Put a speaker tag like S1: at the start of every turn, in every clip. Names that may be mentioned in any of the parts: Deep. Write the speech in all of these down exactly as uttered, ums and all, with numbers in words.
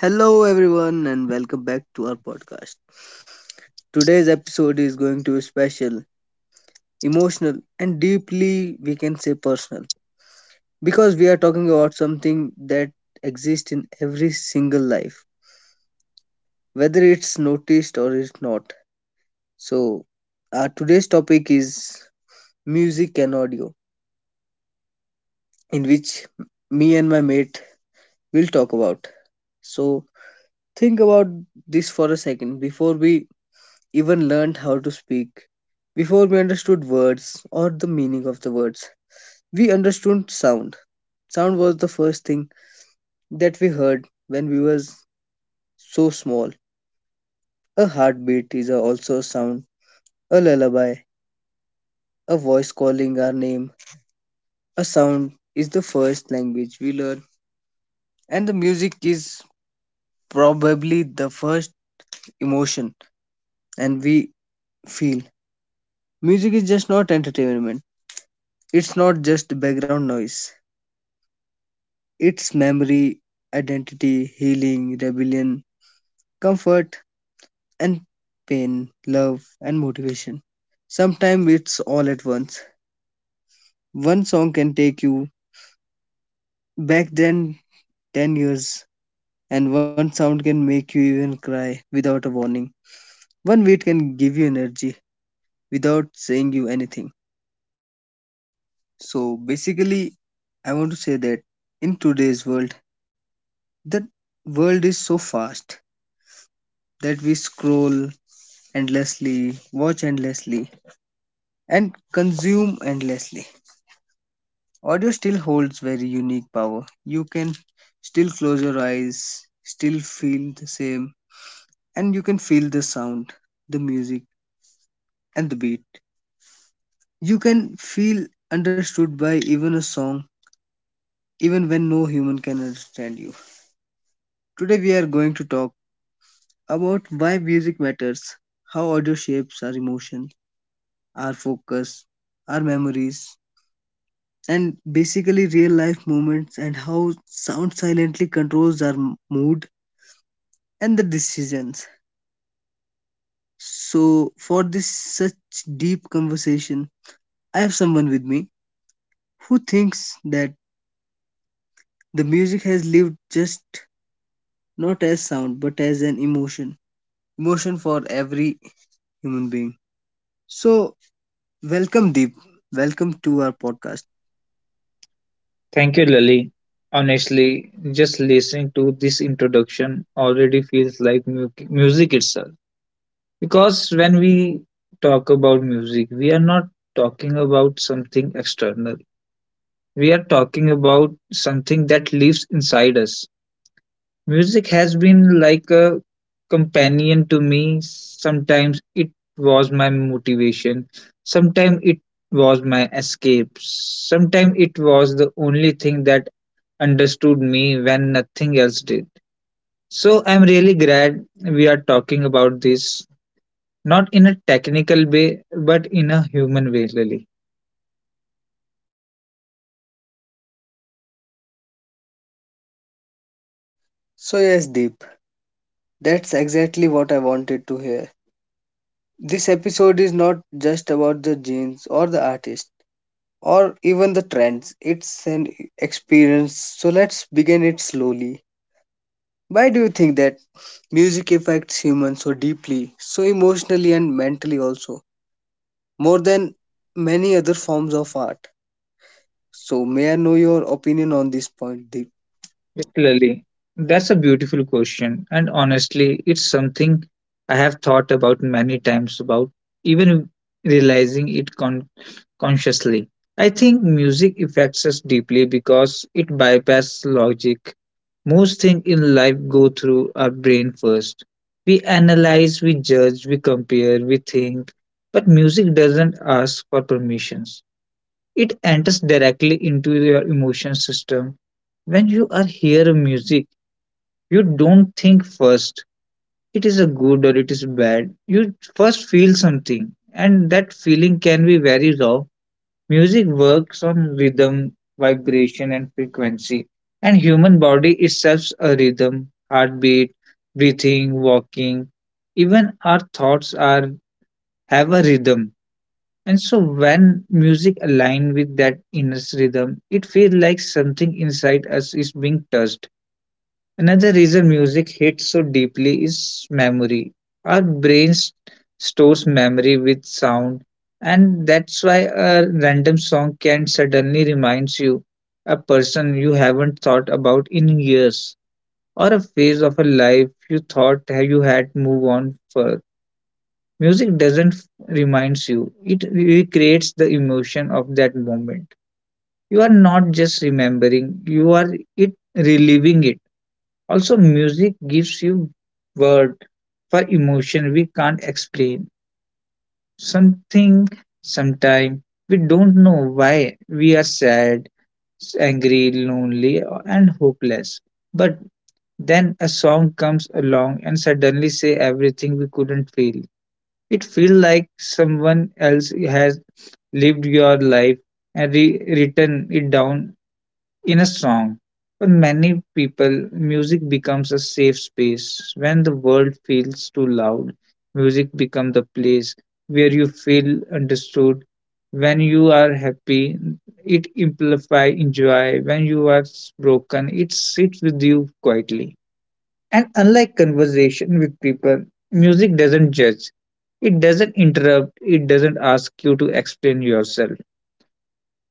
S1: Hello, everyone, and welcome back to our podcast. Today's episode is going to be special, emotional, and deeply, we can say, personal because we are talking about something that exists in every single life, whether it's noticed or it's not. So, our today's topic is music and audio, in which me and my mate will talk about. So, think about this for a second before we even learned how to speak. Before we understood words or the meaning of the words, we understood sound. Sound was the first thing that we heard when we was so small. A heartbeat is a- also a sound, a lullaby, a voice calling our name. A sound is the first language we learn, and the music is probably the first emotion and we feel. Music is just not entertainment. It's not just background noise. Its memory, identity, healing, rebellion, comfort, and pain, love, and motivation. Sometimes it's all at once. One song can take you back then ten years, and one sound can make you even cry without a warning. One beat can give you energy without saying you anything. So basically, I want to say that in today's world, the world is so fast that we scroll endlessly, watch endlessly, and consume endlessly. Audio still holds very unique power. You can still close your eyes, still feel the same, and you can feel the sound, the music, and the beat. You can feel understood by even a song, even when no human can understand you. Today, we are going to talk about why music matters, how audio shapes our emotion, our focus, our memories, and basically real life moments and how sound silently controls our m- mood and the decisions. So, for this such deep conversation, I have someone with me who thinks that the music has lived just not as sound but as an emotion, emotion for every human being. So, welcome, Deep. Welcome to our podcast.
S2: Thank you, Lily. Honestly, just listening to this introduction already feels like mu- music itself. Because when we talk about music, we are not talking about something external, we are talking about something that lives inside us. Music has been like a companion to me. Sometimes it was my motivation, sometimes it was my escape, sometimes it was the only thing that understood me when nothing else did. So I'm really glad we are talking about this, not in a technical way, but in a human way, Lily.
S1: So, yes, Deep, that's exactly what I wanted to hear. This episode is not just about the genes or the artist or even the trends. It's an experience. So let's begin it slowly. Why do you think that music affects humans so deeply, so emotionally and mentally also, more than many other forms of art? So may I know your opinion on this point, Deep?
S2: Yes, Lily, that's a beautiful question, and honestly, it's something I have thought about many times about, even realizing it con- consciously. I think music affects us deeply because it bypasses logic. Most things in life go through our brain first. We analyze, we judge, we compare, we think. But music doesn't ask for permissions. It enters directly into your emotion system. When you are hearing music, you don't think first. It is a good or it is bad. You first feel something, and that feeling can be very raw. Music works on rhythm, vibration, and frequency, and human body itself a rhythm, heartbeat, breathing, walking. Even our thoughts are have a rhythm. And so when music aligns with that inner rhythm, it feels like something inside us is being touched. Another reason music hits so deeply is memory. Our brains stores memory with sound, and that's why a random song can suddenly reminds you a person you haven't thought about in years or a phase of a life you thought ha- you had move on for. Music doesn't reminds you; it recreates the emotion of that moment. You are not just remembering; you are it reliving it. Also, music gives you word for emotion we can't explain. Something, sometime we don't know why we are sad, angry, lonely, and hopeless. But then a song comes along and suddenly say everything we couldn't feel. It feels like someone else has lived your life and re- written it down in a song. For many people, music becomes a safe space. When the world feels too loud, music becomes the place where you feel understood. When you are happy, it amplifies joy. When you are broken, it sits with you quietly. And unlike conversation with people, music doesn't judge. It doesn't interrupt. It doesn't ask you to explain yourself.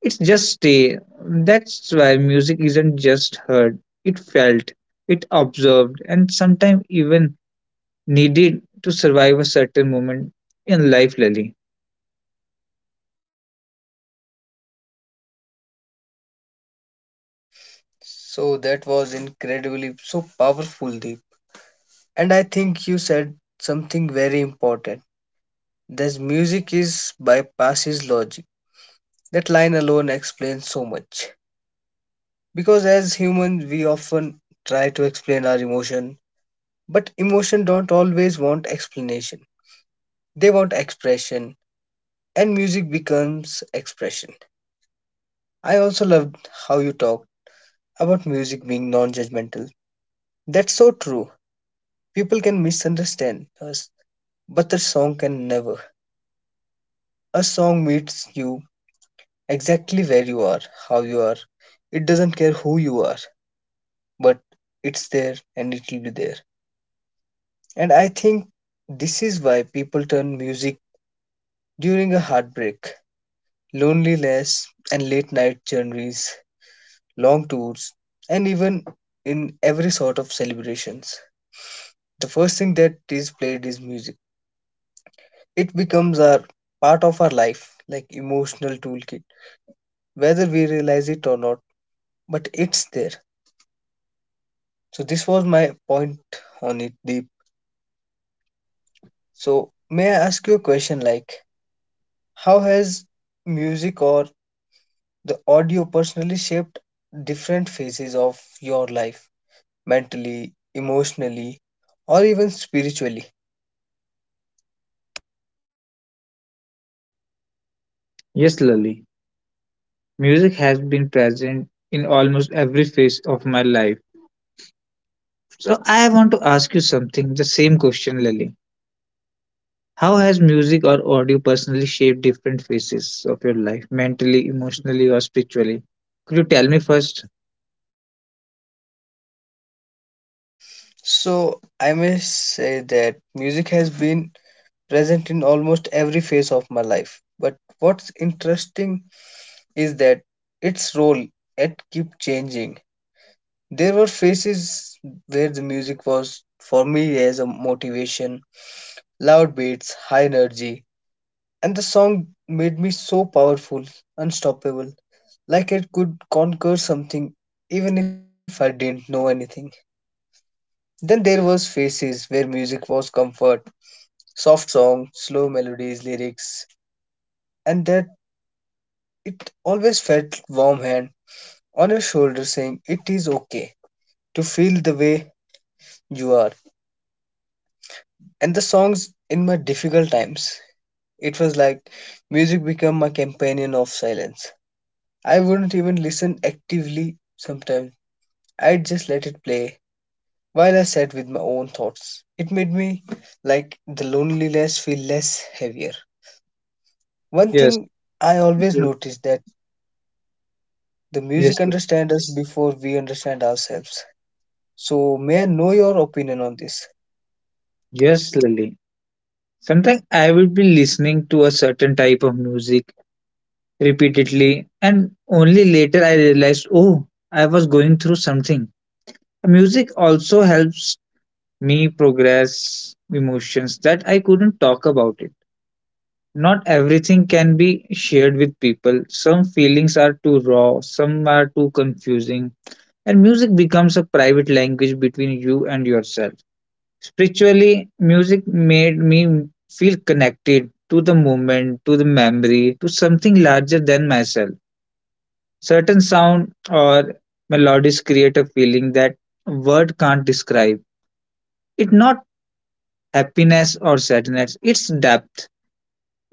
S2: It's just stay. That's why music isn't just heard, it felt, it observed, and sometimes even needed to survive a certain moment in life, Lily.
S1: So that was incredibly so powerful, Deep. And I think you said something very important. This music is bypasses logic. That line alone explains so much. Because as humans, we often try to explain our emotion, but emotion don't always want explanation. They want expression, and music becomes expression. I also loved how you talked about music being non-judgmental. That's so true. People can misunderstand us, but the song can never. A song meets you exactly where you are, how you are. It doesn't care who you are, but it's there and it will be there. And I think this is why people turn music during a heartbreak, loneliness, and late night journeys, long tours, and even in every sort of celebrations. The first thing that is played is music. It becomes our part of our life, like emotional toolkit, whether we realize it or not, but it's there. So this was my point on it, Deep. So may I ask you a question like how has music or the audio personally shaped different phases of your life mentally, emotionally, or even spiritually.
S2: Yes, Lily. Music has been present in almost every phase of my life. So I want to ask you something, the same question, Lily. How has music or audio personally shaped different phases of your life, mentally, emotionally, or spiritually? Could you tell me first?
S1: So, I may say that music has been present in almost every phase of my life. But what's interesting is that its role it kept changing. There were phases where the music was for me as a motivation, loud beats, high energy, and the song made me so powerful, unstoppable, like it could conquer something even if I didn't know anything. Then there was phases where music was comfort, soft songs, slow melodies, lyrics, and that it always felt warm hand on your shoulder saying it is okay to feel the way you are. And the songs in my difficult times, it was like music became my companion of silence. I wouldn't even listen actively sometimes. I'd just let it play while I sat with my own thoughts. It made me like the loneliness feel less heavier. One
S2: Yes.
S1: thing I always noticed that the
S2: Yes,
S1: music
S2: Lily.
S1: understands us before we understand ourselves. So may I know your opinion on this?
S2: Yes, Lily. Sometimes I will be listening to a certain type of music repeatedly, and only later I realized, oh, I was going through something. Music also helps me progress emotions that I couldn't talk about it. Not everything can be shared with people. Some feelings are too raw, some are too confusing, and music becomes a private language between you and yourself. Spiritually, music made me feel connected to the moment, to the memory, to something larger than myself. Certain sound or melodies create a feeling that word can't describe. It's not happiness or sadness, it's depth.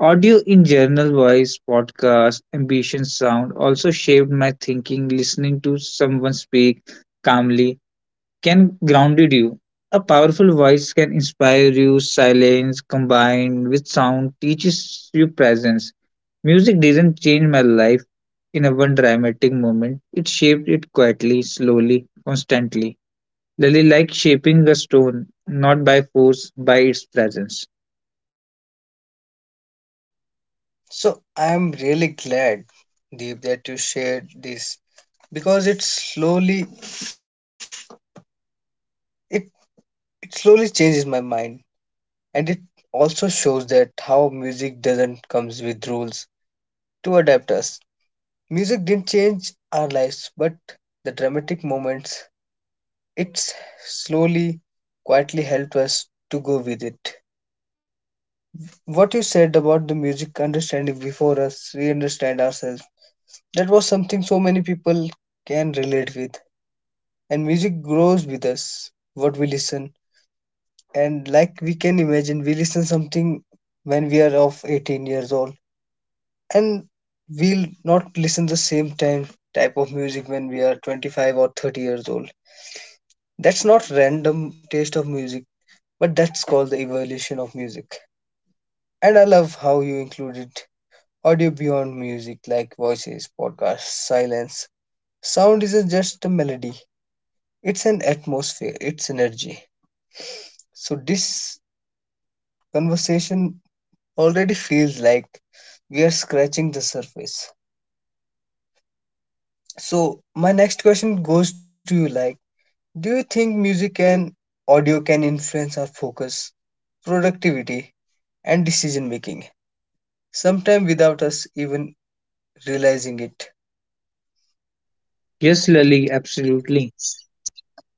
S2: Audio in general voice, podcast, ambition sound also shaped my thinking. Listening to someone speak calmly can grounded you. A powerful voice can inspire you. Silence combined with sound teaches you presence. Music didn't change my life in a one dramatic moment. It shaped it quietly, slowly, constantly. Lily like shaping a stone, not by force, by its presence.
S1: So I am really glad, Deep, that you shared this because it slowly it, it slowly changes my mind and it also shows that how music doesn't comes with rules to adapt us. Music didn't change our lives, but the dramatic moments, it slowly, quietly helped us to go with it. What you said about the music understanding before us, we understand ourselves. That was something so many people can relate with. And music grows with us, what we listen. And like we can imagine, we listen something when we are of eighteen years old. And we'll not listen the same time type of music when we are twenty-five or thirty years old. That's not random taste of music, but that's called the evolution of music. And I love how you included audio beyond music like voices, podcasts, silence. Sound isn't just a melody, it's an atmosphere, it's energy. So this conversation already feels like we are scratching the surface. So my next question goes to you like do you think music and audio can influence our focus, productivity and decision making? Sometimes without us even realizing it.
S2: Yes, Lily, absolutely.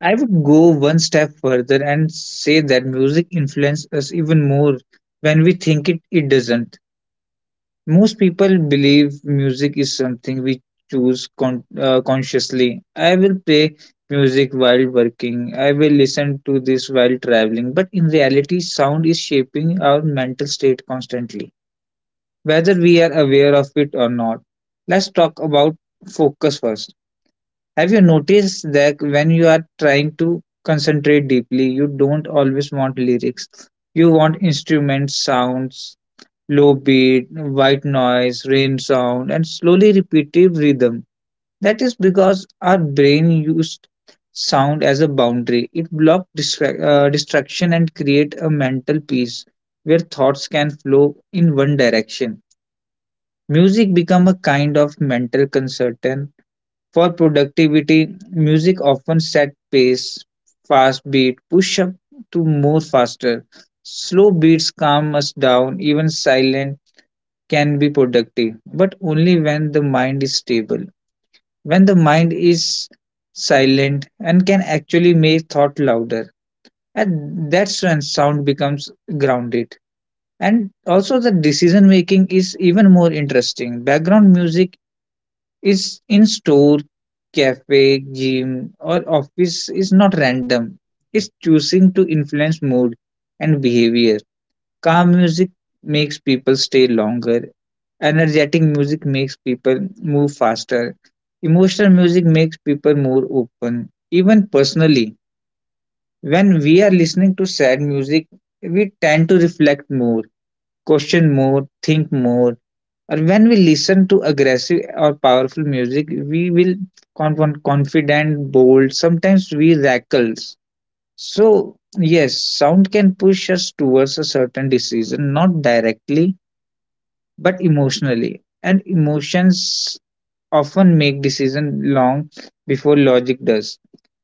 S2: I would go one step further and say that music influences us even more when we think it, it doesn't. Most people believe music is something we choose con- uh, consciously. I will play music while working. I will listen to this while traveling. But in reality, sound is shaping our mental state constantly, whether we are aware of it or not. Let's talk about focus first. Have you noticed that when you are trying to concentrate deeply, you don't always want lyrics? You want instruments, sounds, low beat, white noise, rain sound, and slowly repetitive rhythm. That is because our brain used sound as a boundary. It blocks distra- uh, distraction and create a mental peace where thoughts can flow in one direction. Music become a kind of mental consultant. For productivity, music often set pace, fast beat, push up to more faster. Slow beats calm us down, even silent can be productive, but only when the mind is stable, when the mind is silent and can actually make thought louder. And that's when sound becomes grounded. And also, the decision making is even more interesting. Background music is in store, cafe, gym, or office is not random, it's choosing to influence mood and behavior. Calm music makes people stay longer. Energetic music makes people move faster. Emotional music makes people more open. Even personally, when we are listening to sad music, we tend to reflect more, question more, think more. Or when we listen to aggressive or powerful music, we will conf- confident, bold, sometimes we rackles. So, yes, sound can push us towards a certain decision, not directly, but emotionally. And emotions often make decisions long before logic does.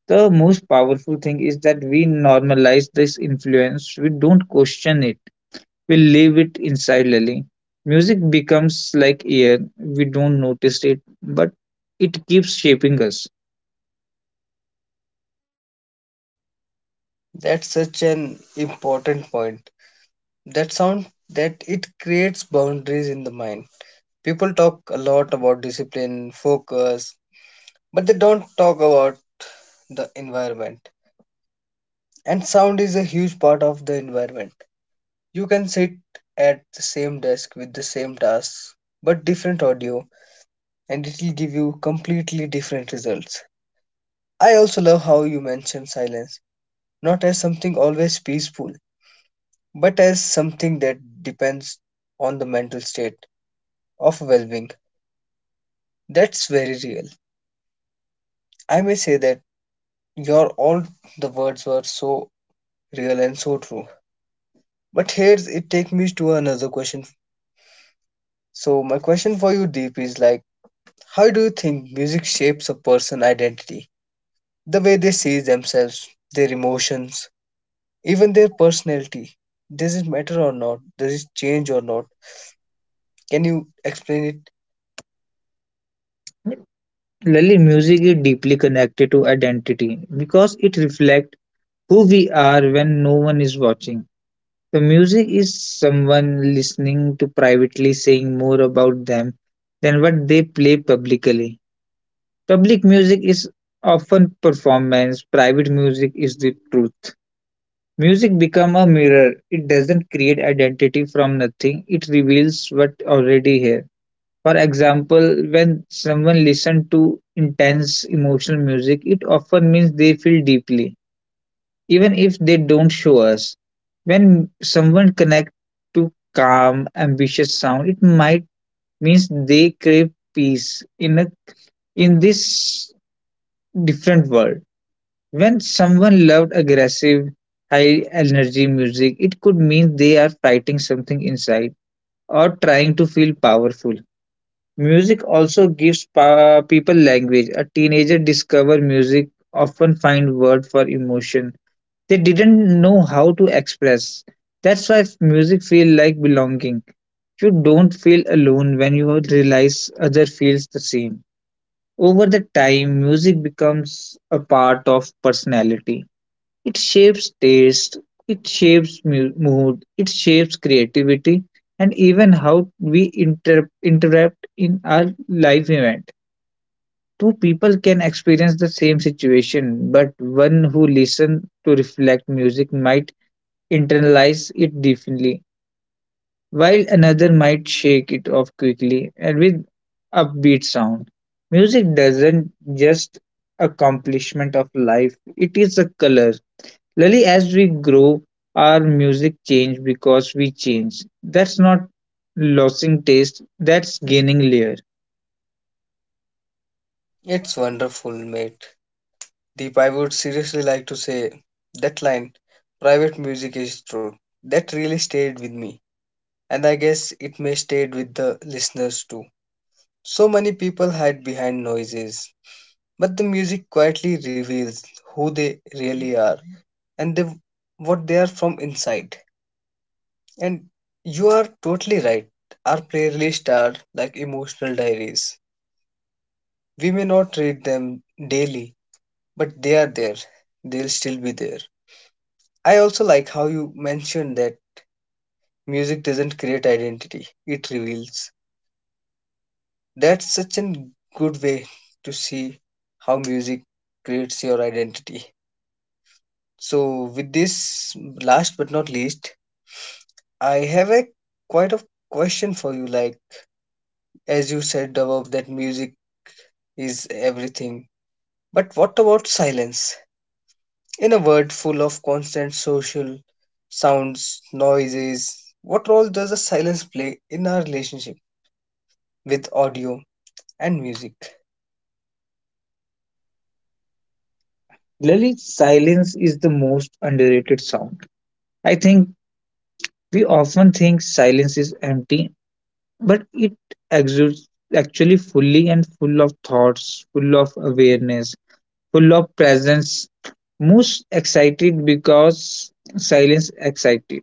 S2: The most powerful thing is that we normalize this influence, we don't question it, we live it insidely. Music becomes like air, we don't notice it, but it keeps shaping us.
S1: That's such an important point. That sound that it creates boundaries in the mind. People talk a lot about discipline, focus, but they don't talk about the environment. And sound is a huge part of the environment. You can sit at the same desk with the same tasks, but different audio, and it will give you completely different results. I also love how you mentioned silence not as something always peaceful, but as something that depends on the mental state of well being. That's very real. I may say that your all the words were so real and so true. But here's it takes me to another question. So my question for you, Deep, is like, how do you think music shapes a person's identity? The way they see themselves, their emotions, even their personality. Does it matter or not? Does it change or not? Can you explain it?
S2: Lily, music is deeply connected to identity because it reflects who we are when no one is watching. The music is someone listening to privately saying more about them than what they play publicly. Public music is often performance, private music is the truth. Music become a mirror. It doesn't create identity from nothing. It reveals what already here. For example, when someone listens to intense emotional music, it often means they feel deeply even if they don't show us. When someone connects to calm, ambitious sound, it might means they crave peace in a in this different world. When someone loved aggressive, high energy music, it could mean they are fighting something inside or trying to feel powerful. Music also gives pa- people language. A teenager discover music often find word for emotion they didn't know how to express. That's why f- music feel like belonging. You don't feel alone when you realize other feels the same. Over the time, music becomes a part of personality. It shapes taste, it shapes mu- mood, it shapes creativity, and even how we inter- interact in our life event. Two people can experience the same situation, but one who listens to reflect music might internalize it deeply, while another might shake it off quickly and with upbeat sound. Music doesn't just accomplishment of life, it is a color. Lily, as we grow, our music change because we change. That's not losing taste, that's gaining layer.
S1: It's wonderful, mate. Deep, I would seriously like to say that line, private music is true. That really stayed with me. And I guess it may stayed with the listeners too. So many people hide behind noises, but the music quietly reveals who they really are and they, what they are from inside. And you are totally right. Our playlists are like emotional diaries. We may not read them daily, but they are there. They'll still be there. I also like how you mentioned that music doesn't create identity, it reveals. That's such a good way to see how music creates your identity. So, with this last but not least, I have a quite a question for you. Like, as you said above, that music is everything. But what about silence? In a world full of constant social sounds, noises, what role does the silence play in our relationship with audio and music?
S2: Lily, silence is the most underrated sound. I think we often think silence is empty but it exudes actually fully and full of thoughts, full of awareness, full of presence. Most excited because silence excited.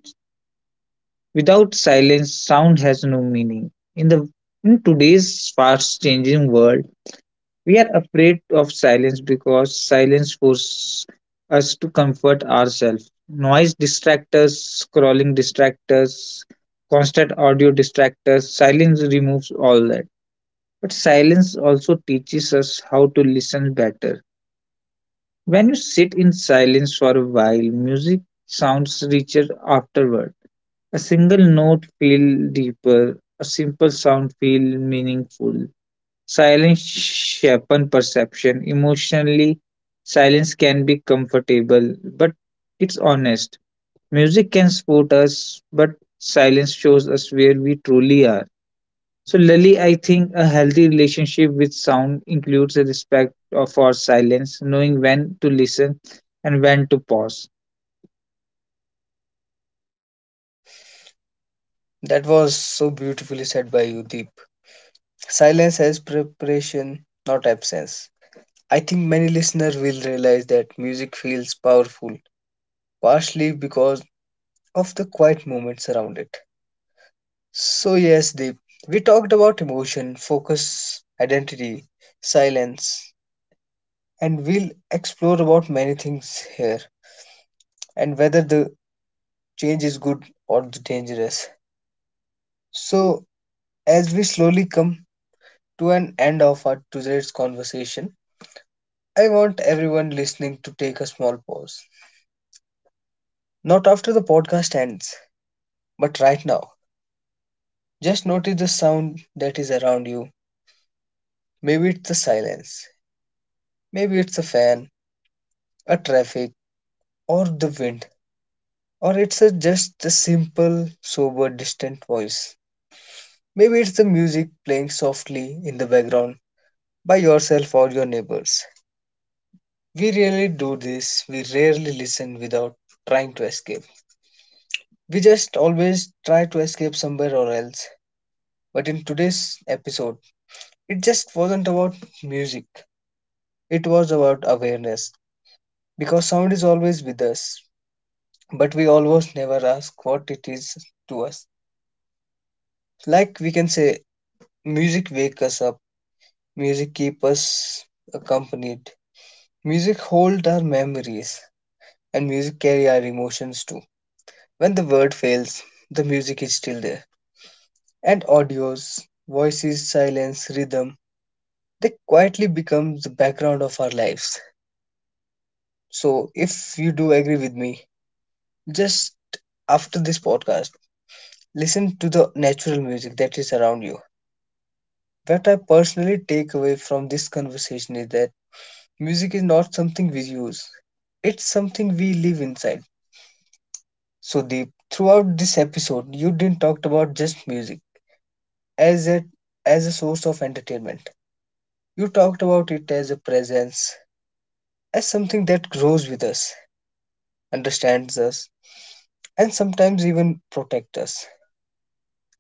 S2: Without silence, sound has no meaning. In the in today's fast changing world, we are afraid of silence because silence forces us to comfort ourselves. Noise distracts us, scrolling distracts us, constant audio distracts us, silence removes all that but silence also teaches us how to listen better. When you sit in silence for a while, music sounds richer afterward. A single note feels deeper, a simple sound feels meaningful. Silence sharpens perception. Emotionally, silence can be comfortable, but it's honest. Music can support us, but silence shows us where we truly are. So, Lily, I think a healthy relationship with sound includes a respect of- for silence, knowing when to listen and when to pause.
S1: That was so beautifully said by you, Deep. Silence as preparation, not absence. I think many listeners will realize that music feels powerful, partially because of the quiet moments around it. So, yes, Deep, we talked about emotion, focus, identity, silence, and we'll explore about many things here and whether the change is good or the dangerous. So, as we slowly come to an end of our today's conversation, I want everyone listening to take a small pause. Not after the podcast ends, but right now. Just notice the sound that is around you. Maybe it's the silence, maybe it's a fan, a traffic, or the wind, or it's a, just a simple, sober, distant voice. Maybe it's the music playing softly in the background by yourself or your neighbors. We really do this, we rarely listen without trying to escape. We just always try to escape somewhere or else. But in today's episode, it just wasn't about music, it was about awareness. Because sound is always with us, but we almost never ask what it is to us. Like we can say, music wake us up, music keep us accompanied, music hold our memories, and music carry our emotions too. When the word fails, the music is still there. And audios, voices, silence, rhythm, they quietly become the background of our lives. So, if you do agree with me, just after this podcast, listen to the natural music that is around you. What I personally take away from this conversation is that music is not something we use, it's something we live inside. So, Deep, throughout this episode, you didn't talk about just music as a as a source of entertainment. You talked about it as a presence, as something that grows with us, understands us, and sometimes even protect us.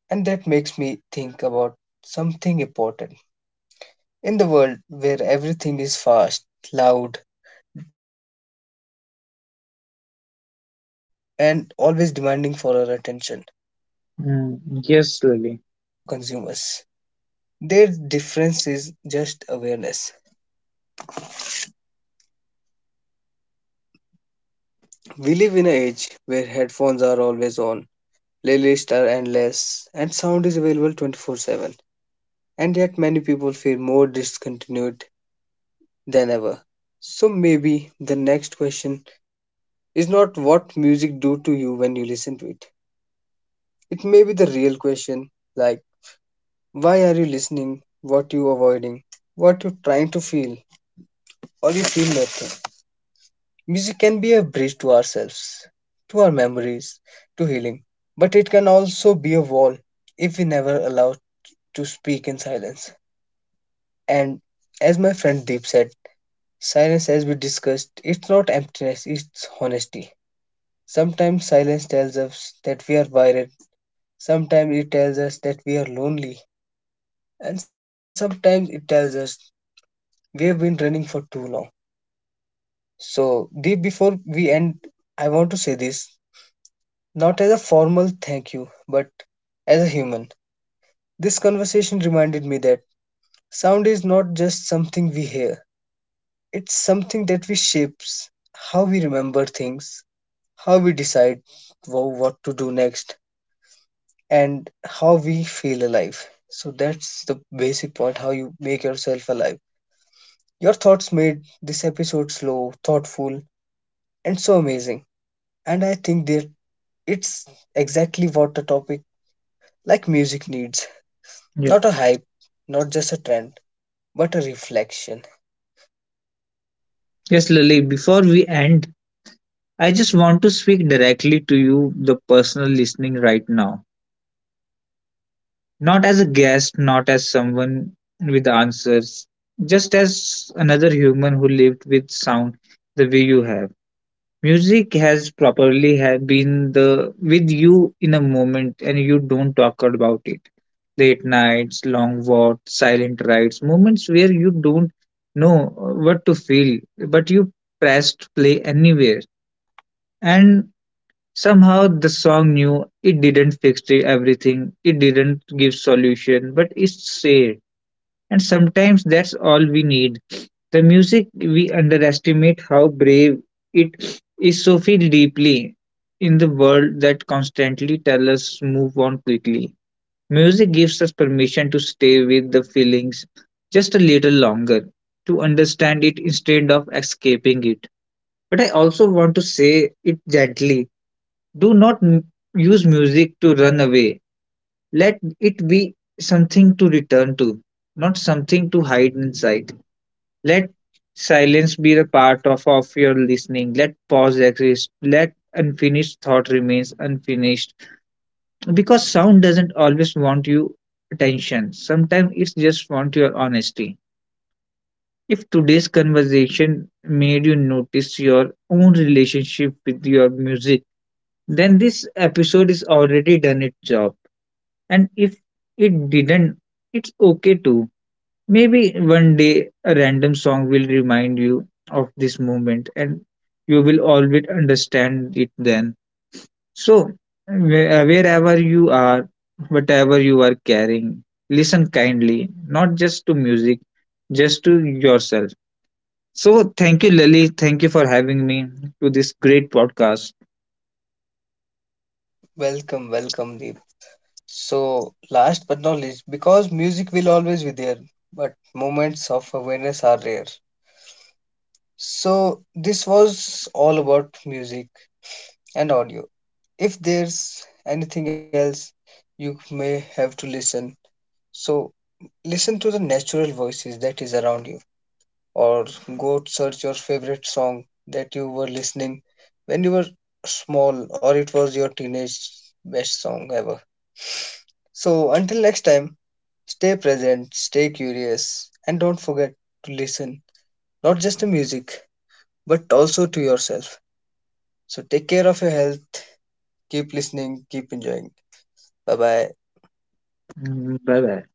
S1: And that makes me think about something important. In the world where everything is fast, loud, and always demanding for our attention, music and sound can either save us
S2: Mm,
S1: or
S2: yes,
S1: they can
S2: Lily.
S1: also consume us. Their difference is just awareness. We live in an age where headphones are always on, playlists are endless, and sound is available twenty four seven. And yet, many people feel more discontinued than ever. So maybe the next question is not what music do to you when you listen to it. It may be the real question like why are you listening, what you avoiding, what you trying to feel or you feel nothing. Music can be a bridge to ourselves, to our memories, to healing, but it can also be a wall if we never allow to speak in silence. And as my friend Deep said, silence, as we discussed, it's not emptiness, it's honesty. Sometimes silence tells us that we are worried, sometimes it tells us that we are lonely, and sometimes it tells us we have been running for too long. So, Deep, before we end, I want to say this not as a formal thank you, but as a human. This conversation reminded me that sound is not just something we hear, it's something that we shapes how we remember things, how we decide wo- what to do next, and how we feel alive. So that's the basic point how you make yourself alive. Your thoughts made this episode slow, thoughtful, and so amazing. And I think that it's exactly what the topic like music needs.
S2: Yeah.
S1: Not a hype, not just a trend, but a reflection.
S2: Yes, Lily. Before we end, I just want to speak directly to you, the personal listening right now. Not as a guest, not as someone with answers, just as another human who lived with sound the way you have. Music has properly have been the with you in a moment and you don't talk about it. Late nights, long walks, silent rides, moments where you don't know uh, what to feel, but you pressed play anywhere. And somehow the song knew it didn't fix the everything, it didn't give solution, but it stayed. And sometimes that's all we need. The music, we underestimate how brave it is so feel deeply in the world that constantly tell us move on quickly. Music gives us permission to stay with the feelings just a little longer, to understand it instead of escaping it. But I also want to say it gently. Do not m- use music to run away. Let it be something to return to, not something to hide inside. Let silence be the part of, of your listening. Let pause exist. Let unfinished thought remains unfinished. Because sound doesn't always want you attention. Sometimes it just wants your honesty. If today's conversation made you notice your own relationship with your music, then this episode is already done its job. And if it didn't, it's okay too. Maybe one day a random song will remind you of this moment and you will always understand it then. So, whe- uh, wherever you are, whatever you are carrying, listen kindly, not just to music, just to yourself. So, thank you, Lily. Thank you for having me to this great podcast.
S1: Welcome, welcome, Deep. So, last but not least, because music will always be there, but moments of awareness are rare. So, this was all about music and audio. If there's anything else, you may have to listen. So, listen to the natural voices that is around you, or go search your favorite song that you were listening when you were small, or it was your teenage best song ever. So, until next time, stay present, stay curious, and don't forget to listen not just to music but also to yourself. So, take care of your health, keep listening, keep enjoying. Bye bye.
S2: Bye bye.